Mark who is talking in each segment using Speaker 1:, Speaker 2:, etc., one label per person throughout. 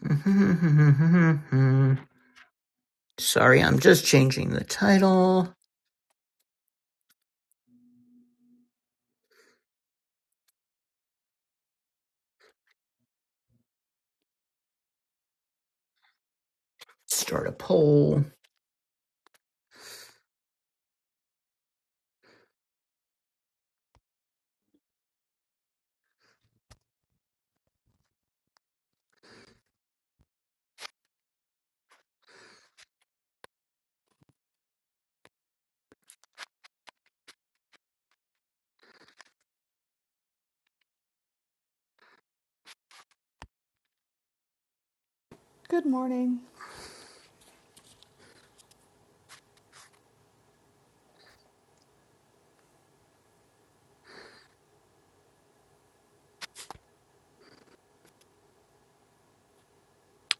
Speaker 1: Sorry, I'm just changing the title. Start a poll.
Speaker 2: Good morning.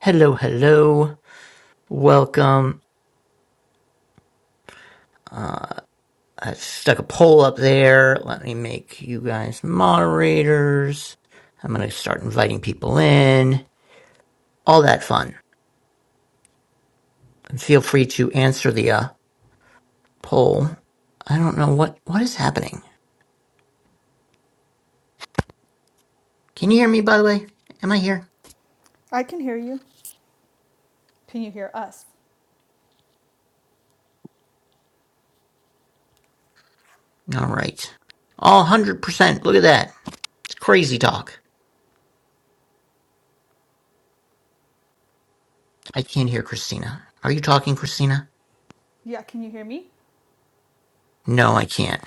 Speaker 1: Hello, hello. Welcome. Uh, I stuck a poll up there. Let me make you guys moderators. I'm going to start inviting people in. All that fun. And feel free to answer the uh, poll. I don't know what what is happening. Can you hear me? By the way, am I here?
Speaker 2: I can hear you. Can you hear us?
Speaker 1: All right. All one hundred percent. Look at that. It's crazy talk. I can't hear Christina. Are you talking, Christina?
Speaker 2: Yeah, can you hear me?
Speaker 1: No, I can't.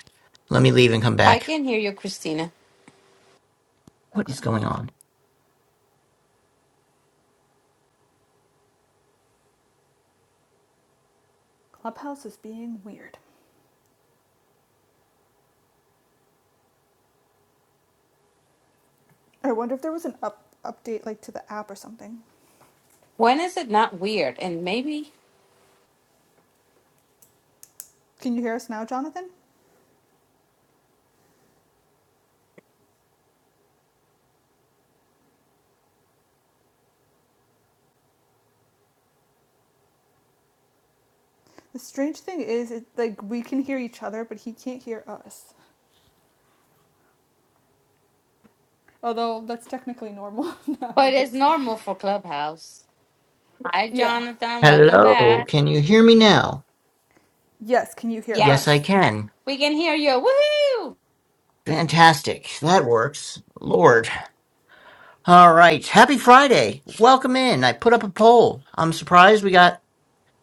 Speaker 1: Let me leave and come
Speaker 3: I
Speaker 1: back.
Speaker 3: can hear you, Christina.
Speaker 1: What
Speaker 2: Okay.
Speaker 1: is going on?
Speaker 2: Clubhouse is being weird. I wonder if there was an up update like to the app or something.
Speaker 3: When is it not weird? And maybe,
Speaker 2: Can you hear us now, Jonathan? The strange thing is it like we can hear each other, but he can't hear us. Although that's technically normal
Speaker 3: but it's
Speaker 2: nowadays.
Speaker 3: normal for Clubhouse. Hi,
Speaker 2: Yeah.
Speaker 3: Jonathan. Welcome
Speaker 1: Hello,
Speaker 3: back.
Speaker 1: can you hear me now?
Speaker 2: Yes, can you hear
Speaker 1: Yes, I
Speaker 2: us?
Speaker 3: Yes,
Speaker 1: can.
Speaker 3: we can hear you. Woohoo!
Speaker 1: Fantastic. That works. Lord. All right. Happy Friday. Welcome in. I put up a poll. I'm surprised we got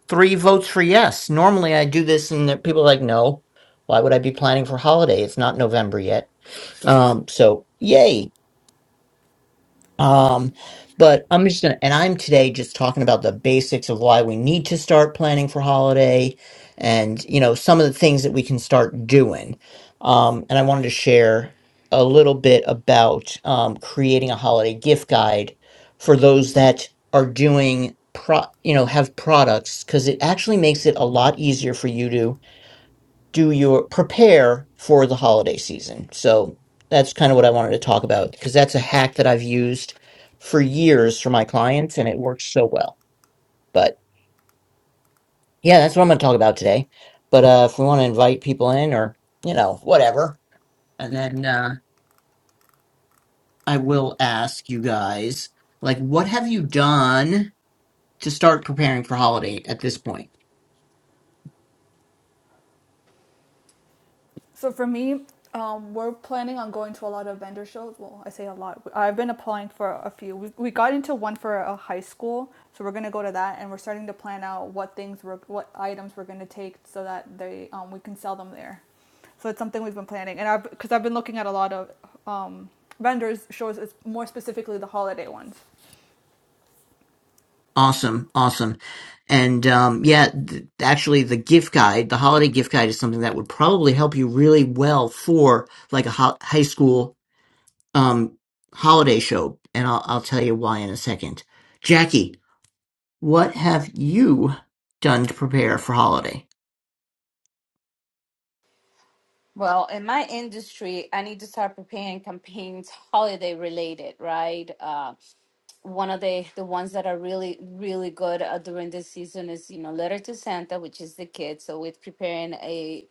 Speaker 1: three votes for yes. Normally I do this and there- people are like, no, why would I be planning for holiday? It's not November yet. Um, so yay. Um, but I'm just gonna, and I'm today just talking about the basics of why we need to start planning for holiday and, you know, some of the things that we can start doing. Um, and I wanted to share a little bit about um, creating a holiday gift guide for those that are doing pro, you know, have products because it actually makes it a lot easier for you to do your prepare for the holiday season. So that's kind of what I wanted to talk about because that's a hack that I've used for years for my clients and it works so well. But yeah, that's what I'm going to talk about today. But uh, if we want to invite people in or, you know, whatever, and then uh, I will ask you guys, like, what have you done? to start preparing for holiday at this point.
Speaker 2: So for me, um, we're planning on going to a lot of vendor shows. Well, I say a lot. I've been applying for a few. We, we got into one for a high school, so we're gonna go to that, and we're starting to plan out what things we're, what items we're gonna take so that they um, we can sell them there. So it's something we've been planning, and I've because I've been looking at a lot of um, vendors shows, it's more specifically the holiday ones.
Speaker 1: Awesome, awesome, and um, yeah, th- actually, the gift guide, the holiday gift guide, is something that would probably help you really well for like a ho- high school um holiday show and I'll I'll tell you why in a second. Jackie, what have you done to prepare for holiday?
Speaker 3: Well, in my industry, I need to start preparing campaigns holiday related, right? Uh, one of the the ones that are really really good uh, during this season is you know letter to santa which is the kids so we're preparing a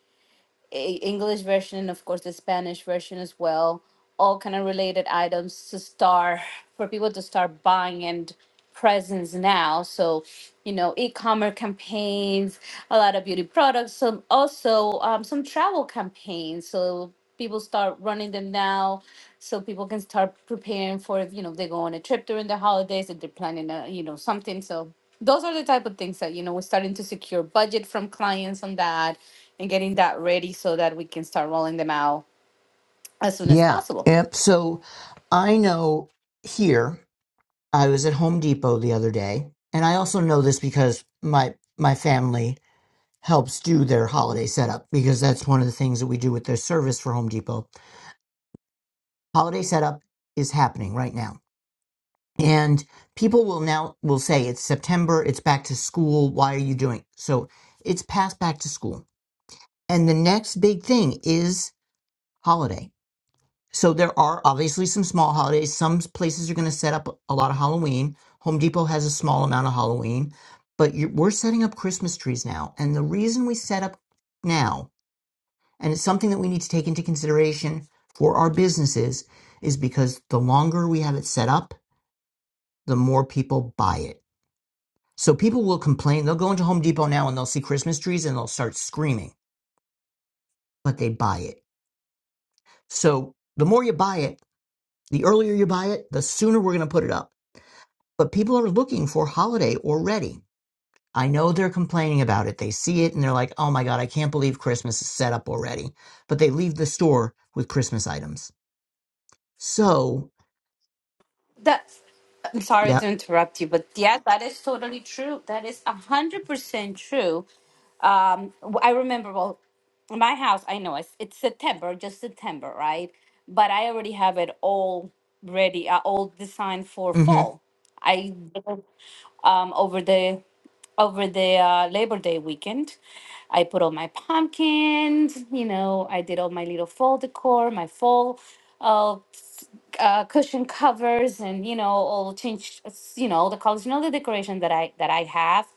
Speaker 3: E- English version and of course the Spanish version as well. All kind of related items to start for people to start buying and presents now. So, you know, e-commerce campaigns, a lot of beauty products, some also um, some travel campaigns. So people start running them now, so people can start preparing for if, you know if they go on a trip during the holidays if they're planning a you know something. So those are the type of things that you know we're starting to secure budget from clients on that and getting that ready so that we can start rolling them out as soon as
Speaker 1: Yeah.
Speaker 3: possible
Speaker 1: Yep. So I know here I was at Home Depot the other day and I also know this because my my family helps do their holiday setup because that's one of the things that we do with their service for Home Depot. Holiday setup is happening right now. And people will now will say it's September, it's back to school, why are you doing? So it's past back to school. And the next big thing is holiday. So there are obviously some small holidays. Some places are going to set up a lot of Halloween. Home Depot has a small amount of Halloween, but you we're setting up Christmas trees now. And the reason we set up now And it's something that we need to take into consideration for our businesses is because the longer we have it set up, the more people buy it. So people will complain. They'll go into Home Depot now and they'll see Christmas trees and they'll start screaming, but they buy it. So the more you buy it, the earlier you buy it, the sooner we're going to put it up. But people are looking for holiday already. I know they're complaining about it. They see it and they're like, oh my God, I can't believe Christmas is set up already. But they leave the store with Christmas items. So,
Speaker 3: that's i'm sorry to
Speaker 1: yep.
Speaker 3: interrupt you but yeah that is totally true that is 100% true um w- i remember well my house i know it's, it's september just september right but i already have it all ready uh, all designed for
Speaker 1: Yeah, mm-hmm.
Speaker 3: fall i um over the over the uh, Labor Day weekend. I put all my pumpkins, you know, I did all my little fall decor, my fall uh, uh, cushion covers, and you know, all changed, you know, all the colors, you know, the decoration that I that I have,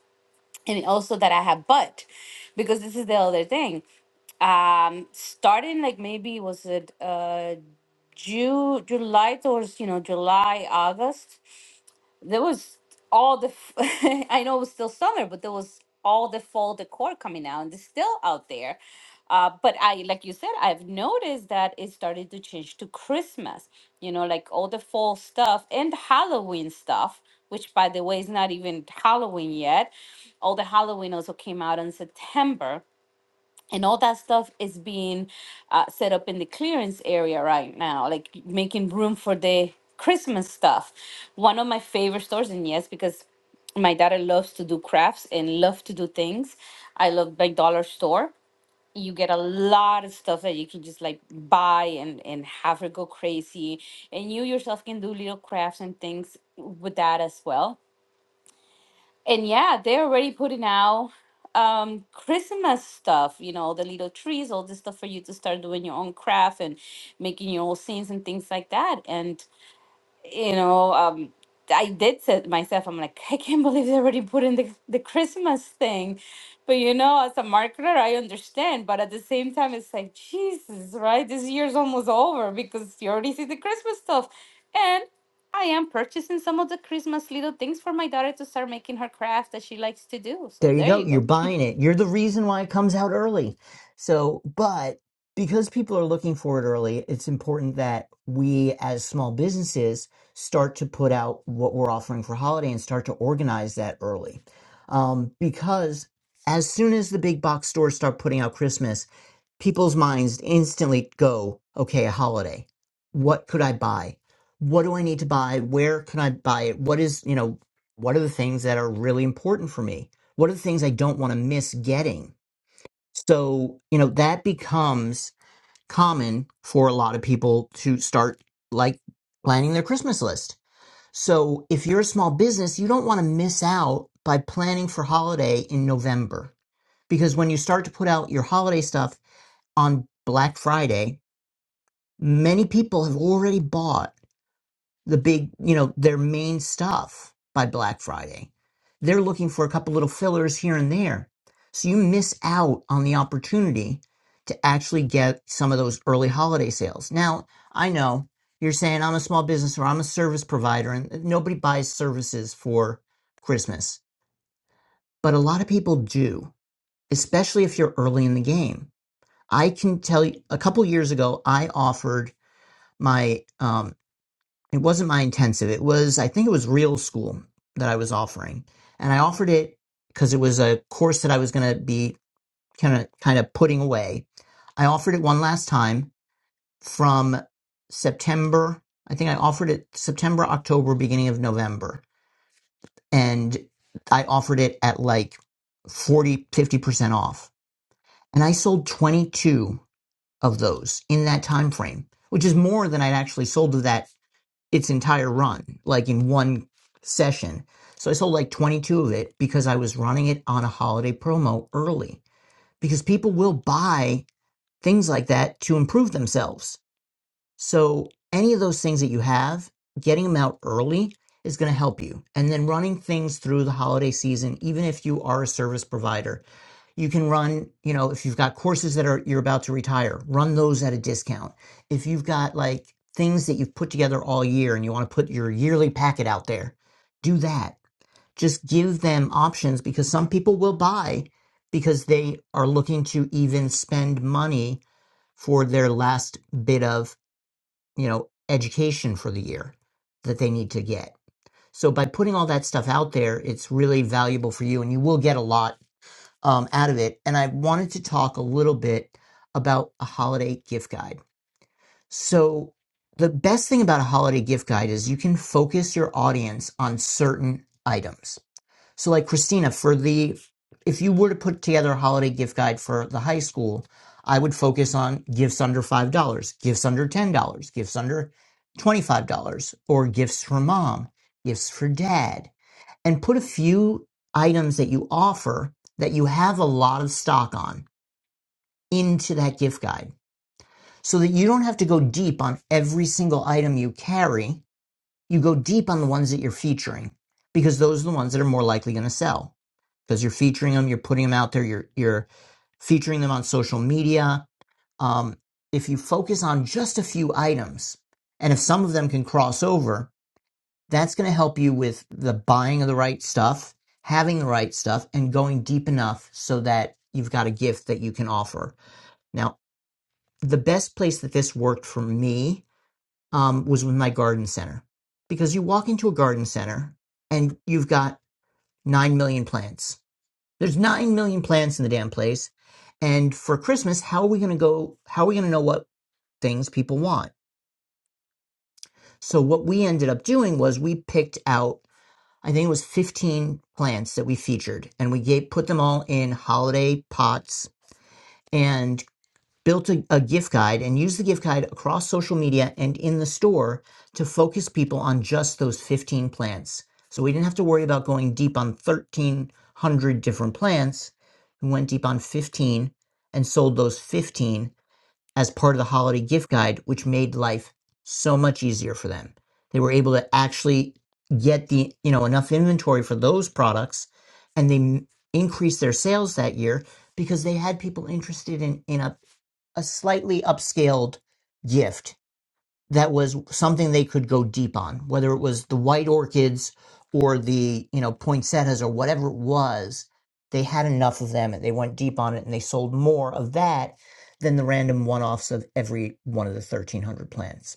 Speaker 3: and also that I have bought, because this is the other thing. Um, starting like maybe was it uh June, July towards you know July August there was all the f- i know it was still summer but there was all the fall decor coming out and it's still out there uh, but i like you said i've noticed that it started to change to christmas you know like all the fall stuff and halloween stuff which by the way is not even halloween yet all the halloween also came out in september and all that stuff is being uh, set up in the clearance area right now like making room for the christmas stuff one of my favorite stores and yes because my daughter loves to do crafts and love to do things i love my dollar store you get a lot of stuff that you can just like buy and and have her go crazy and you yourself can do little crafts and things with that as well and yeah, they're already putting out um Christmas stuff, you know, the little trees, all this stuff for you to start doing your own craft and making your own scenes and things like that. And you know, um, I did say to myself, I'm like, I can't believe they already put in the, the Christmas thing. But, you know, as a marketer, I understand. But at the same time, it's like, Jesus, right? This year's almost over because you already see the Christmas stuff. And I am purchasing some of the Christmas little things for my daughter to start making her craft that she likes to do. So
Speaker 1: There you
Speaker 3: there
Speaker 1: go.
Speaker 3: you
Speaker 1: You're
Speaker 3: go.
Speaker 1: buying it. You're the reason why it comes out early. So, but because people are looking for it early, it's important that we as small businesses start to put out what we're offering for holiday and start to organize that early. Um, because as soon as the big box stores start putting out Christmas, people's minds instantly go, okay, a holiday. What could I buy? What do I need to buy? Where can I buy it? What is, you know, what are the things that are really important for me? What are the things I don't want to miss getting? So, you know, that becomes common for a lot of people to start like planning their Christmas list. So, if you're a small business, you don't want to miss out by planning for holiday in November because when you start to put out your holiday stuff on Black Friday, many people have already bought the big, you know, their main stuff by Black Friday. They're looking for a couple little fillers here and there. So you miss out on the opportunity to actually get some of those early holiday sales. Now, I know you're saying I'm a small business or I'm a service provider and nobody buys services for Christmas, but a lot of people do, especially if you're early in the game. I can tell you a couple years ago, I offered my um, it wasn't my intensive. It was, I think it was real school that I was offering. And I offered it because it was a course that I was going to be kind of, kind of putting away. I offered it one last time from September. I think I offered it September, October, beginning of November. And I offered it at like forty, fifty percent off. And I sold 22 of those in that time frame, which is more than I'd actually sold of that its entire run, like in one session. So I sold like 22 of it because I was running it on a holiday promo early because people will buy things like that to improve themselves. So any of those things that you have, getting them out early is going to help you. And then running things through the holiday season, even if you are a service provider, you can run you know if you've got courses that are you're about to retire run those at a discount if you've got like things that you've put together all year and you want to put your yearly packet out there do that just give them options because some people will buy because they are looking to even spend money for their last bit of you know education for the year that they need to get so by putting all that stuff out there it's really valuable for you and you will get a lot um, out of it. And I wanted to talk a little bit about a holiday gift guide. So, the best thing about a holiday gift guide is you can focus your audience on certain items. So, like Christina, for the if you were to put together a holiday gift guide for the high school, I would focus on gifts under $5, gifts under $10, gifts under $25, or gifts for mom, gifts for dad and put a few items that you offer that you have a lot of stock on into that gift guide so that you don't have to go deep on every single item you carry. You go deep on the ones that you're featuring because those are the ones that are more likely going to sell because you're featuring them, you're putting them out there, you're you're featuring them on social media. Um, if you focus on just a few items, and if some of them can cross over, that's going to help you with the buying of the right stuff, having the right stuff, and going deep enough so that you've got a gift that you can offer. Now, the best place that this worked for me um, was with my garden center because you walk into a garden center and you've got 9 million plants. There's 9 million plants in the damn place. And for Christmas, how are we going to go? How are we going to know what things people want? So, what we ended up doing was we picked out I think it was 15 plants that we featured, and we gave, put them all in holiday pots and built a, a gift guide and used the gift guide across social media and in the store to focus people on just those 15 plants. So we didn't have to worry about going deep on 1,300 different plants. We went deep on 15 and sold those 15 as part of the holiday gift guide, which made life so much easier for them. They were able to actually get the, you know, enough inventory for those products and they m- increased their sales that year because they had people interested in, in a, a slightly upscaled gift that was something they could go deep on, whether it was the white orchids or the you know poinsettias or whatever it was. They had enough of them, and they went deep on it, and they sold more of that than the random one-offs of every one of the 1,300 plants.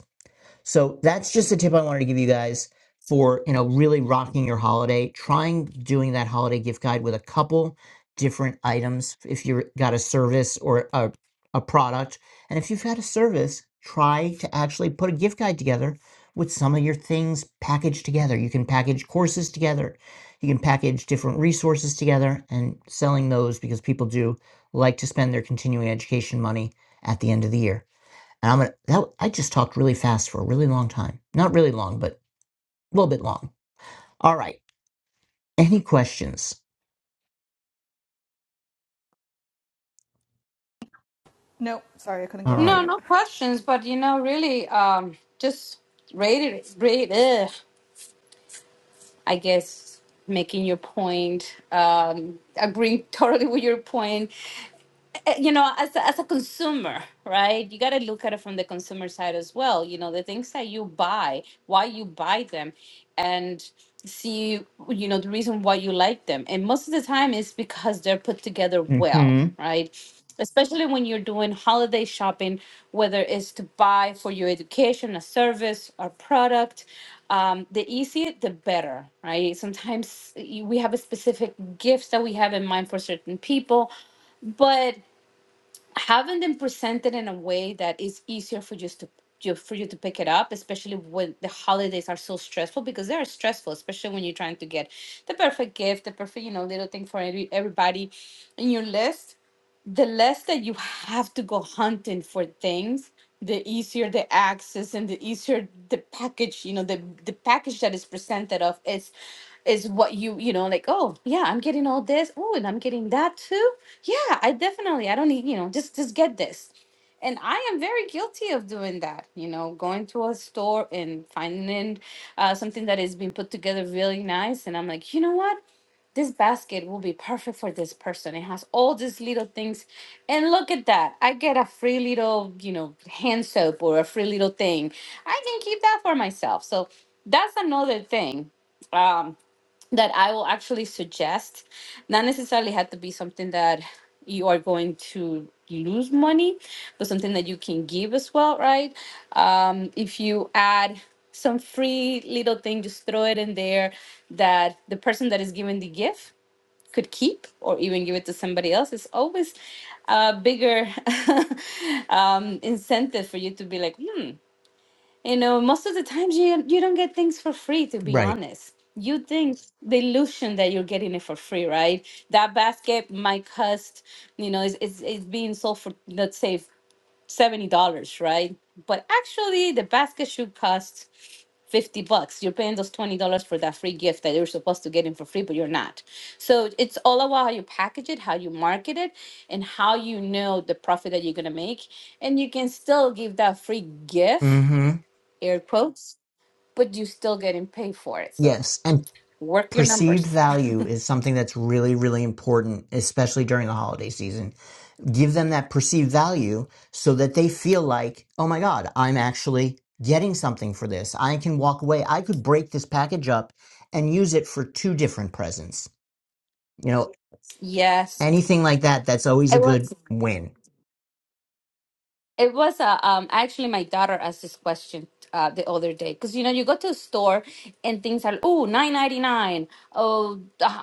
Speaker 1: So that's just a tip I wanted to give you guys for, you know, really rocking your holiday. Trying doing that holiday gift guide with a couple different items if you've got a service or a, a product. And if you've got a service, try to actually put a gift guide together with some of your things packaged together. You can package courses together. You can package different resources together and selling those because people do like to spend their continuing education money at the end of the year. And I'm gonna. That, I just talked really fast for a really long time. Not really long, but a little bit long. All right. Any questions?
Speaker 2: Nope, sorry, I couldn't
Speaker 1: All
Speaker 2: get on
Speaker 3: No,
Speaker 1: right.
Speaker 2: mute.
Speaker 3: no questions. But, you know, really, um, just rate it, rate, ugh. I guess making your point, um, agreeing totally with your point, uh, you know as a, as a consumer right you got to look at it from the consumer side as well you know the things that you buy why you buy them and see you know the reason why you like them and most of the time it's because they're put together well
Speaker 1: Mm-hmm.
Speaker 3: right especially when you're doing holiday shopping whether it's to buy for your education a service or product um, the easier the better right sometimes y- we have a specific gifts that we have in mind for certain people but having them presented in a way that is easier for just to you, for you to pick it up, especially when the holidays are so stressful because they are stressful, especially when you're trying to get the perfect gift, the perfect you know little thing for every, everybody in your list the less that you have to go hunting for things the easier the access and the easier the package you know the the package that is presented of is is what you you know like oh yeah i'm getting all this oh and i'm getting that too yeah i definitely i don't need you know just just get this and i am very guilty of doing that you know going to a store and finding uh, something that has been put together really nice and i'm like you know what this basket will be perfect for this person. It has all these little things. And look at that. I get a free little, you know, hand soap or a free little thing. I can keep that for myself. So that's another thing. Um, that I will actually suggest, not necessarily have to be something that you are going to lose money, but something that you can give as well, right? Um, if you add some free little thing, just throw it in there that the person that is giving the gift could keep or even give it to somebody else. It's always a bigger um, incentive for you to be like, hmm, you know, most of the times you you don't get things for free, to be
Speaker 1: Right.
Speaker 3: honest. You think the illusion that you're getting it for free, right? That basket might cost, you know, it's it's, it's being sold for let's say seventy dollars, right? But actually, the basket should cost fifty bucks. You're paying those twenty dollars for that free gift that you're supposed to get in for free, but you're not. So it's all about how you package it, how you market it, and how you know the profit that you're gonna make. And you can still give that free gift
Speaker 1: Mm-hmm.
Speaker 3: air quotes, but you still getting paid for it. So
Speaker 1: Yes. And
Speaker 3: work your
Speaker 1: perceived
Speaker 3: numbers.
Speaker 1: value is something that's really, really important, especially during the holiday season. Give them that perceived value so that they feel like, oh my God, I'm actually getting something for this. I can walk away. I could break this package up and use it for two different presents. You know,
Speaker 3: Yes,
Speaker 1: anything like that that's always a
Speaker 3: it
Speaker 1: good
Speaker 3: was.
Speaker 1: win
Speaker 3: It was uh, um actually my daughter asked this question uh the other day because you know you go to a store and things are oh nine ninety nine oh uh,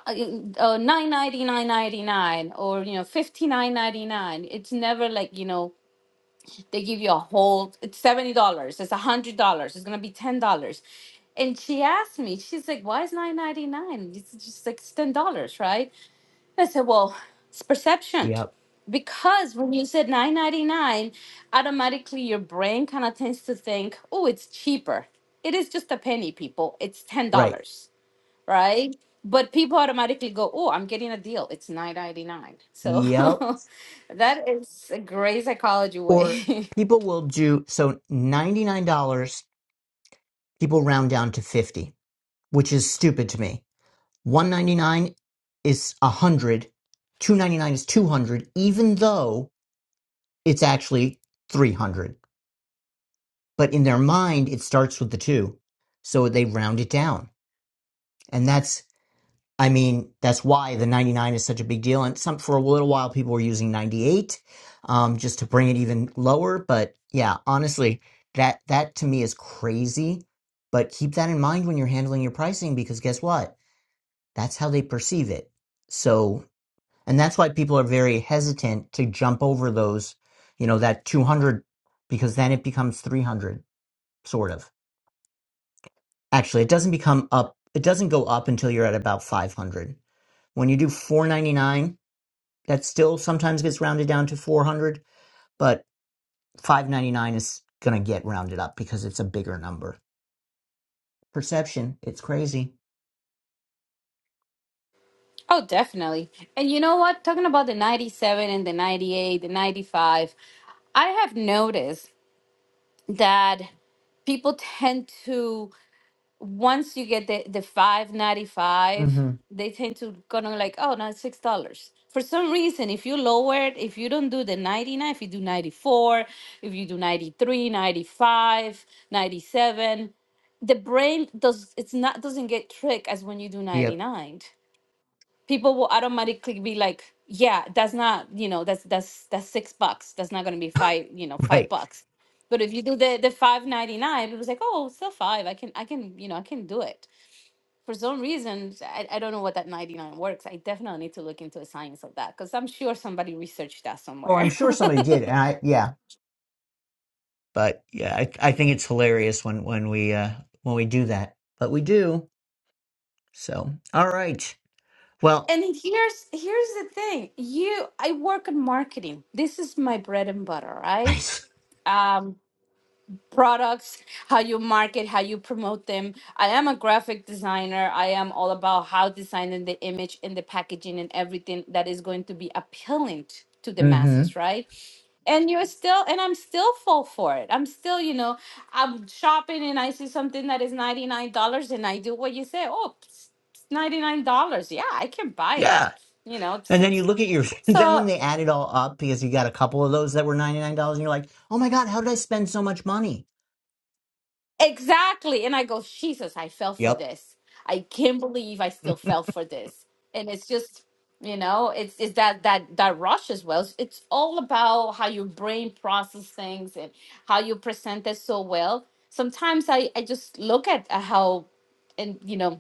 Speaker 3: uh, nine ninety nine ninety nine or you know fifty nine ninety nine. It's never like you know they give you a whole. It's seventy dollars. It's a hundred dollars. It's gonna be ten dollars. And she asked me, she's like, why is nine ninety nine? It's just like ten dollars, right? I said, well, it's perception.
Speaker 1: yep
Speaker 3: Because when you said 999, automatically your brain kind of tends to think, oh, it's cheaper. It is just a penny, people. It's ten
Speaker 1: right
Speaker 3: dollars, right? But people automatically go, oh, I'm getting a deal. It's 999.
Speaker 1: yep
Speaker 3: So that is a great psychology
Speaker 1: or
Speaker 3: way.
Speaker 1: people will do so $99 people round down to 50 which is stupid to me 199 is 100 299 is 200 even though it's actually 300 but in their mind it starts with the 2 so they round it down and that's I mean, that's why the 99 is such a big deal. And some for a little while, people were using 98 um, just to bring it even lower. But yeah, honestly, that that to me is crazy. But keep that in mind when you're handling your pricing because guess what? That's how they perceive it. So, and that's why people are very hesitant to jump over those, you know, that 200 because then it becomes 300 sort of. Actually, it doesn't become up. It doesn't go up until you're at about 500. When you do 499 That still sometimes gets rounded down to 400, but 599 is going to get rounded up because it's a bigger number. Perception, it's crazy.
Speaker 3: oh, definitely. And you know what? Talking about the 97 and the 98, the 95, I have noticed that people tend to once you get the the five ninety five,
Speaker 1: hmm
Speaker 3: they tend to kind of like, oh, now it's six dollars. For some reason, if you lower it, if you don't do the 99, if you do 94, if you do 93, 95, 97, the brain does it's not doesn't get tricked as when you do
Speaker 1: Yep.
Speaker 3: 99 people will automatically be like yeah that's not you know that's that's that's six bucks that's not going to be five you know five
Speaker 1: Right.
Speaker 3: bucks but if you do the the 599 it was like oh still five i can i can you know i can do it for some reason i, I don't know what that 99 works i definitely need to look into the science of that because i'm sure somebody researched that
Speaker 1: Well, I'm
Speaker 3: somewhere
Speaker 1: sure somebody did. And I, yeah. But yeah, I, I think it's hilarious when, when we, uh, when we do that, but we do. So, all right. Well,
Speaker 3: and here's here's the thing you i work in marketing this is my bread and butter right
Speaker 1: nice.
Speaker 3: Um. products, how you market, how you promote them. I am a graphic designer. I am all about how designing the image and the packaging and everything that is going to be appealing t- to the
Speaker 1: hmm
Speaker 3: masses, right? And you're still, and I'm still full for it. I'm still, you know, I'm shopping and I see something that is $99 and I do what you say. Oh, it's $99. Yeah, I can buy it.
Speaker 1: Yeah.
Speaker 3: You know,
Speaker 1: And then you
Speaker 3: it's-
Speaker 1: look at your, then when
Speaker 3: so.
Speaker 1: they add it all up, because you got a couple of those that were $99, and you're like, oh my God, how did I spend so much money?
Speaker 3: Exactly. And I go, Jesus, I fell for
Speaker 1: Yep.
Speaker 3: this. I can't believe I still fell for this. And it's just, you know, it's it's that that that rush as well. It's, it's all about how your brain process things and how you present it so well. Sometimes I I just look at how, and you know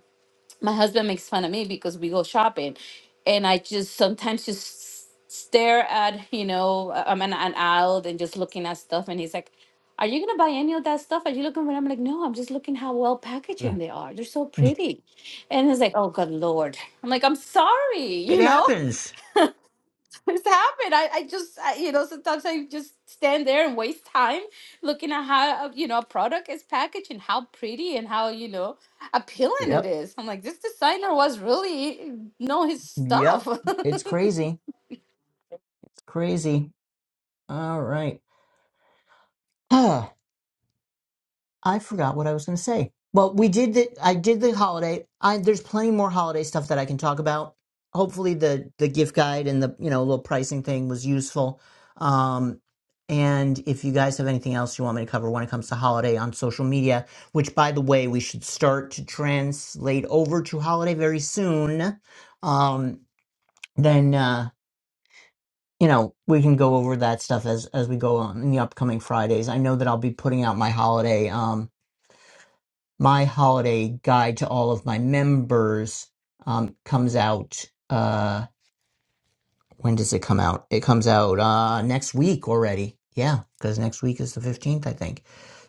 Speaker 3: my husband makes fun of me because we go shopping and i just sometimes just stare at you know uh, i'm an, an aisle and just looking at stuff and he's like are you gonna buy any of that stuff are you looking for it?" i'm like no i'm just looking how well packaging they are they're so pretty and he's like oh good lord i'm like i'm sorry
Speaker 1: It
Speaker 3: you know
Speaker 1: happens.
Speaker 3: it's happened. I, I just, I, you know, sometimes I just stand there and waste time looking at how, uh, you know, a product is packaged and how pretty and how, you know, appealing it
Speaker 1: Yep.
Speaker 3: is. I'm like, this designer was really know his stuff.
Speaker 1: Yep. It's crazy. It's crazy. All right. Huh. I forgot what I was going to say. Well, we did the I did the holiday. I there's plenty more holiday stuff that I can talk about. Hopefully the the gift guide and the you know little pricing thing was useful. Um and if you guys have anything else you want me to cover when it comes to holiday on social media, which by the way, we should start to translate over to holiday very soon. Um then uh you know, we can go over that stuff as as we go on in the upcoming Fridays. I know that I'll be putting out my holiday um my holiday guide to all of my members um comes out uh when does it come out? It comes out uh next week already. Yeah, cuz next week is the 15th, I think.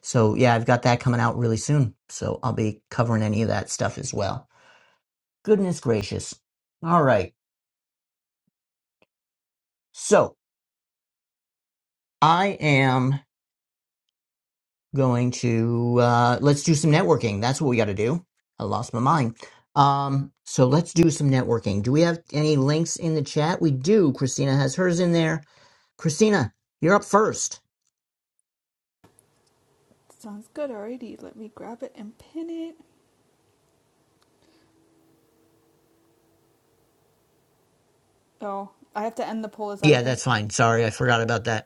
Speaker 1: So, yeah, I've got that coming out really soon. So, I'll be covering any of that stuff as well. Goodness gracious. All right. So, I am going to uh, let's do some networking. That's what we got to do. I lost my mind. Um, so let's do some networking. Do we have any links in the chat? We do. Christina has hers in there. Christina, you're up first.
Speaker 2: Sounds good already. Let me grab it and pin it. Oh, I have to end the poll. Is that
Speaker 1: Yeah,
Speaker 2: okay?
Speaker 1: that's fine. Sorry, I forgot about that.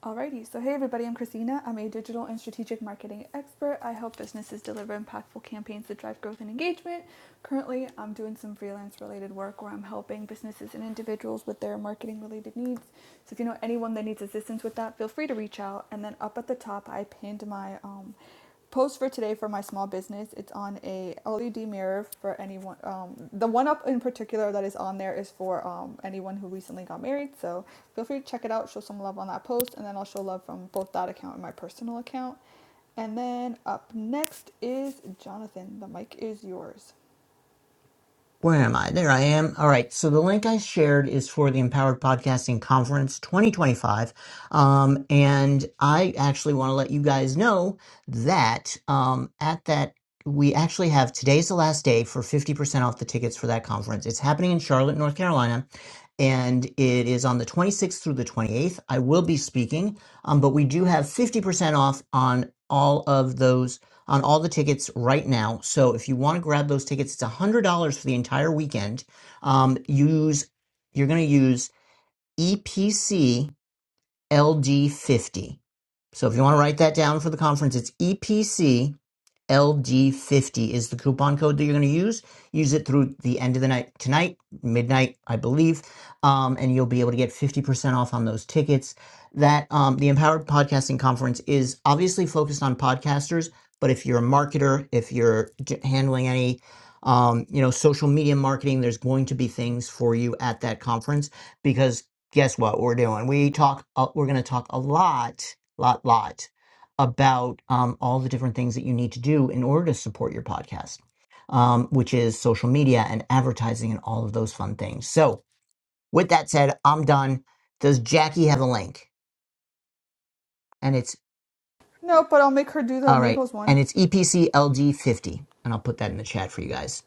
Speaker 2: Alrighty, so hey everybody, I'm Christina. I'm a digital and strategic marketing expert. I help businesses deliver impactful campaigns that drive growth and engagement. Currently, I'm doing some freelance related work where I'm helping businesses and individuals with their marketing related needs. So if you know anyone that needs assistance with that, feel free to reach out. And then up at the top, I pinned my um, post for today for my small business. It's on a LED mirror for anyone. Um, the one up in particular that is on there is for um, anyone who recently got married. So feel free to check it out. Show some love on that post, and then I'll show love from both that account and my personal account. And then up next is Jonathan. The mic is yours.
Speaker 1: Where am I? There I am. All right. So the link I shared is for the Empowered Podcasting Conference 2025. Um, and I actually want to let you guys know that um, at that, we actually have today's the last day for 50% off the tickets for that conference. It's happening in Charlotte, North Carolina and it is on the 26th through the 28th. I will be speaking, um, but we do have 50% off on all of those on all the tickets right now. So if you want to grab those tickets, it's $100 for the entire weekend. Um, use You're going to use EPC LD50. So if you want to write that down for the conference, it's EPC LD50 is the coupon code that you're going to use. Use it through the end of the night tonight, midnight, I believe, um, and you'll be able to get 50% off on those tickets. That um, the Empowered Podcasting Conference is obviously focused on podcasters, but if you're a marketer, if you're handling any um, you know social media marketing, there's going to be things for you at that conference because guess what we're doing? We talk. Uh, we're going to talk a lot, lot, lot about um, all the different things that you need to do in order to support your podcast, um, which is social media and advertising and all of those fun things. So, with that said, I'm done. Does Jackie have a link? And it's
Speaker 2: No, but I'll make her do the
Speaker 1: all right.
Speaker 2: amigos
Speaker 1: And
Speaker 2: one.
Speaker 1: it's EPC 50 And I'll put that in the chat for you guys.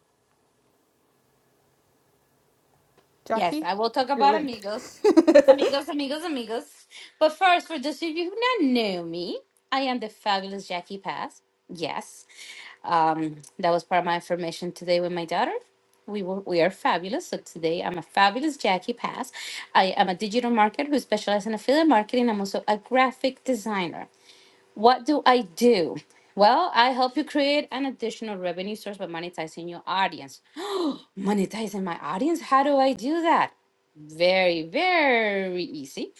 Speaker 3: Yes,
Speaker 2: Jackie,
Speaker 3: I will talk
Speaker 2: your
Speaker 3: about
Speaker 2: link.
Speaker 3: amigos. Amigos, amigos, amigos. But first, for those of you who not know me, I am the fabulous Jackie Pass. Yes. Um, that was part of my information today with my daughter. We were, we are fabulous. So today I'm a fabulous Jackie Pass. I am a digital marketer who specializes in affiliate marketing. I'm also a graphic designer. What do I do? Well, I help you create an additional revenue source by monetizing your audience. monetizing my audience? How do I do that? Very, very easy.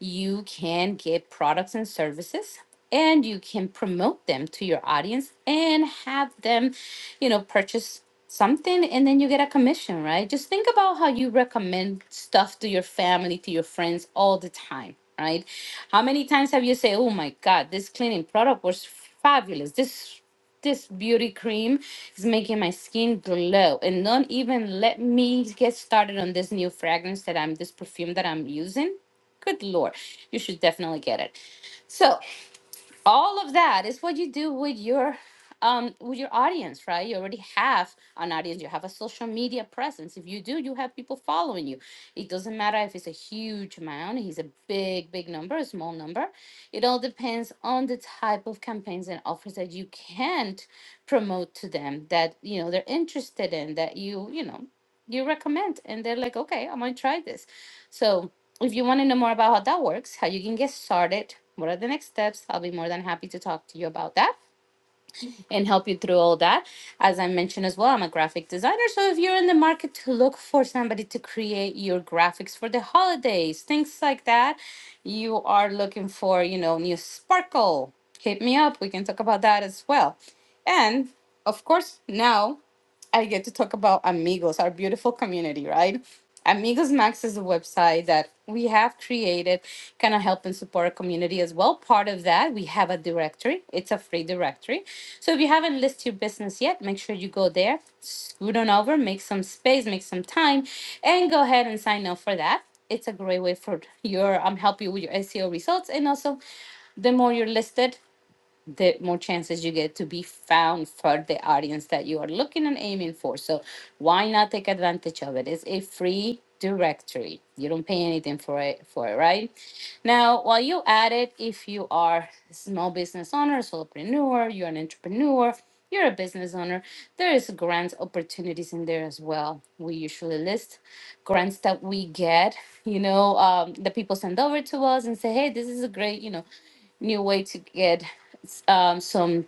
Speaker 3: You can get products and services and you can promote them to your audience and have them, you know, purchase something and then you get a commission, right? Just think about how you recommend stuff to your family, to your friends all the time, right? How many times have you say, "Oh my god, this cleaning product was fabulous. This this beauty cream is making my skin glow and don't even let me get started on this new fragrance that I'm this perfume that I'm using." Good lord. You should definitely get it. So all of that is what you do with your um with your audience right you already have an audience you have a social media presence if you do you have people following you it doesn't matter if it's a huge amount it's a big big number a small number it all depends on the type of campaigns and offers that you can promote to them that you know they're interested in that you you know you recommend and they're like okay i'm gonna try this so, if you want to know more about how that works, how you can get started, what are the next steps, I'll be more than happy to talk to you about that and help you through all that. As I mentioned as well, I'm a graphic designer. So, if you're in the market to look for somebody to create your graphics for the holidays, things like that, you are looking for, you know, new sparkle, hit me up. We can talk about that as well. And of course, now. I get to talk about Amigos, our beautiful community, right? Amigos Max is a website that we have created, kind of help and support our community as well. Part of that, we have a directory. It's a free directory. So if you haven't listed your business yet, make sure you go there, scoot on over, make some space, make some time, and go ahead and sign up for that. It's a great way for your um help you with your SEO results and also the more you're listed the more chances you get to be found for the audience that you are looking and aiming for. So why not take advantage of it? It's a free directory. You don't pay anything for it for it, right? Now, while you add it, if you are a small business owner, solopreneur, you're an entrepreneur, you're a business owner, there is grants opportunities in there as well. We usually list grants that we get, you know, um, the people send over to us and say, hey, this is a great, you know, new way to get um, some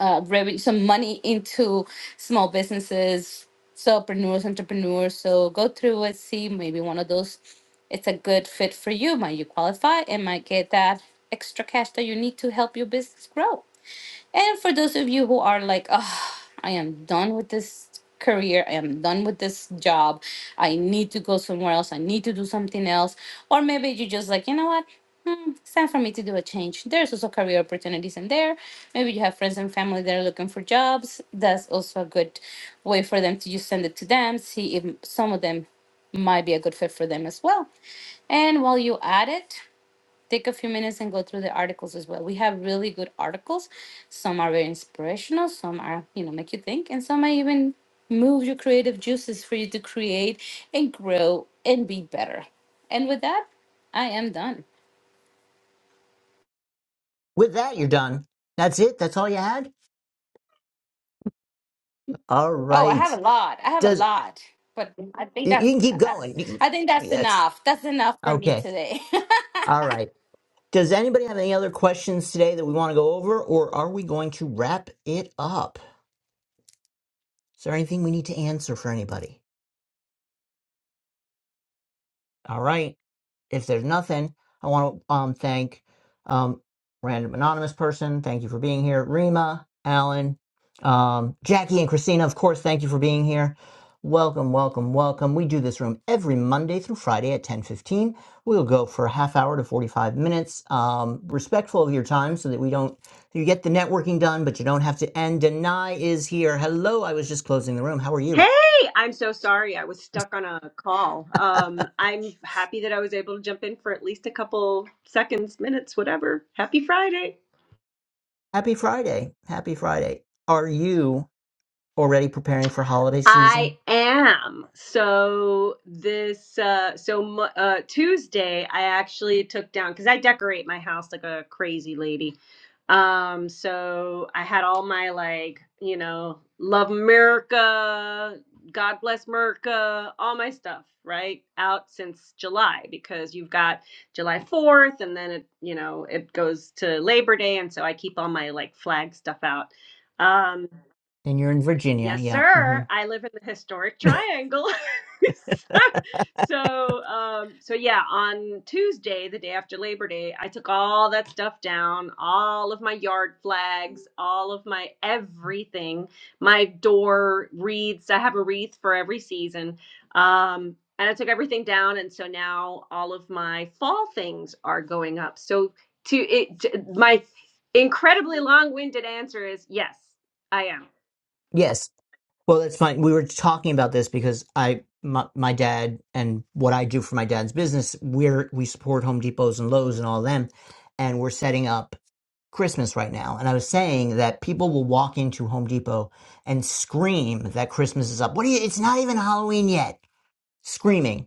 Speaker 3: uh, revenue, some money into small businesses, solopreneurs, entrepreneurs. So go through it, see maybe one of those. It's a good fit for you. Might you qualify and might get that extra cash that you need to help your business grow. And for those of you who are like, oh, I am done with this career, I am done with this job, I need to go somewhere else, I need to do something else. Or maybe you just like, you know what? Hmm, it's time for me to do a change. There's also career opportunities in there. Maybe you have friends and family that are looking for jobs. That's also a good way for them to just send it to them, see if some of them might be a good fit for them as well. And while you at it, take a few minutes and go through the articles as well. We have really good articles. Some are very inspirational, some are, you know, make you think, and some might even move your creative juices for you to create and grow and be better. And with that, I am done.
Speaker 1: With that, you're done. That's it. That's all you had. All
Speaker 3: Oh, I have
Speaker 1: right.
Speaker 3: a lot. I have a
Speaker 1: Does
Speaker 3: lot. But I think
Speaker 1: you
Speaker 3: that's
Speaker 1: you can keep
Speaker 3: I
Speaker 1: going. You
Speaker 3: I think
Speaker 1: can,
Speaker 3: that's
Speaker 1: that's
Speaker 3: enough. That's enough for me
Speaker 1: okay.
Speaker 3: today.
Speaker 1: All right. Does anybody have any other questions today that we want to go over, or are we going to wrap it up? Is there anything we need to answer for anybody? All right. if there's nothing, I want to um, thank um, random anonymous person. Thank you for being here, Rima, Alan, um, Jackie, and Christina. Of course, thank you for being here. Welcome, welcome, welcome. We do this room every Monday through Friday at 10:15. We'll go for a half hour to 45 minutes, um, respectful of your time, so that we don't you get the networking done, but you don't have to end. Deny is here. Hello, I was just closing the room. How are
Speaker 4: Hey,
Speaker 1: you?
Speaker 4: I'm so sorry. I was stuck on a call. Um, I'm happy that I was able to jump in for at least a couple seconds, minutes, whatever. Happy Friday.
Speaker 1: Happy Friday. Happy Friday. Are you? already preparing for holiday
Speaker 4: I
Speaker 1: season
Speaker 4: am. So this uh so mo- uh Tuesday I actually took down cuz I decorate my house like a crazy lady. Um so I had all my like, you know, love America, God bless America, all my stuff, right? Out since July because you've got July 4th and then it, you know, it goes to Labor Day and so I keep all my like flag stuff out. Um,
Speaker 1: and you're in Virginia.
Speaker 4: Yes,
Speaker 1: Yeah. hmm
Speaker 4: sir. I live in the historic triangle. so, so, um, so yeah, on Tuesday, the day after Labor Day, I took all that stuff down, all of my yard flags, all of my everything, my door wreaths. I have a wreath for every season. Um, and I took everything down, and so now all of my fall things are going up. So, to it, to, my incredibly long-winded answer is yes, I am.
Speaker 1: Yes. Well, that's fine. We were talking about this because I, my, my dad and what I do for my dad's business, we're, we support Home Depots and Lowe's and all them. And we're setting up Christmas right now. And I was saying that people will walk into Home Depot and scream that Christmas is up. What do you, it's not even Halloween yet. Screaming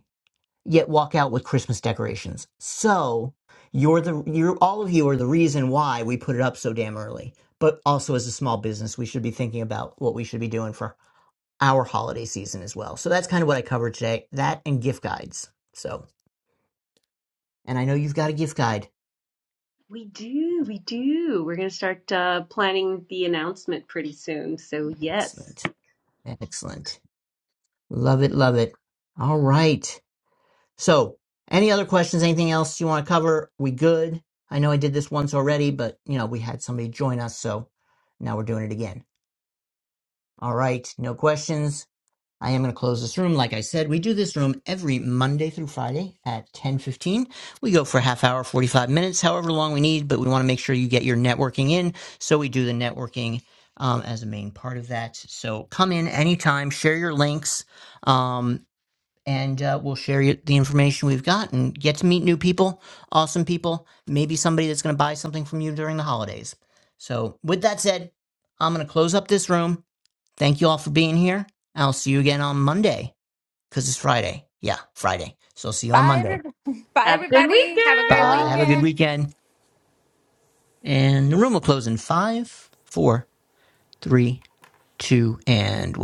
Speaker 1: yet walk out with Christmas decorations. So you're the you're all of you are the reason why we put it up so damn early. But also as a small business, we should be thinking about what we should be doing for our holiday season as well. So that's kind of what I covered today. That and gift guides. So and I know you've got a gift guide.
Speaker 4: We do, we do. We're going to start uh, planning the announcement pretty soon. So, yes,
Speaker 1: Excellent. Excellent. Love it, love it. All right. So any other questions, anything else you want to cover? We good? I know I did this once already, but you know, we had somebody join us, so now we're doing it again. All right, no questions. I am going to close this room. Like I said, we do this room every Monday through Friday at 10:15. We go for a half hour, 45 minutes, however long we need, but we want to make sure you get your networking in, so we do the networking um, as a main part of that. So come in anytime, share your links, um, and uh, we'll share you the information we've got and get to meet new people, awesome people, maybe somebody that's going to buy something from you during the holidays. So with that said, I'm going to close up this room. Thank you all for being here. I'll see you again on Monday because it's Friday. Yeah, Friday. So I'll see you on
Speaker 3: bye
Speaker 1: Monday.
Speaker 3: everybody. bye
Speaker 4: have a good
Speaker 3: everybody. Have a great
Speaker 1: Bye.
Speaker 4: weekend.
Speaker 1: Have a good
Speaker 2: Bye.
Speaker 3: weekend.
Speaker 1: weekend. And the room will close in five, four, three, two, and one.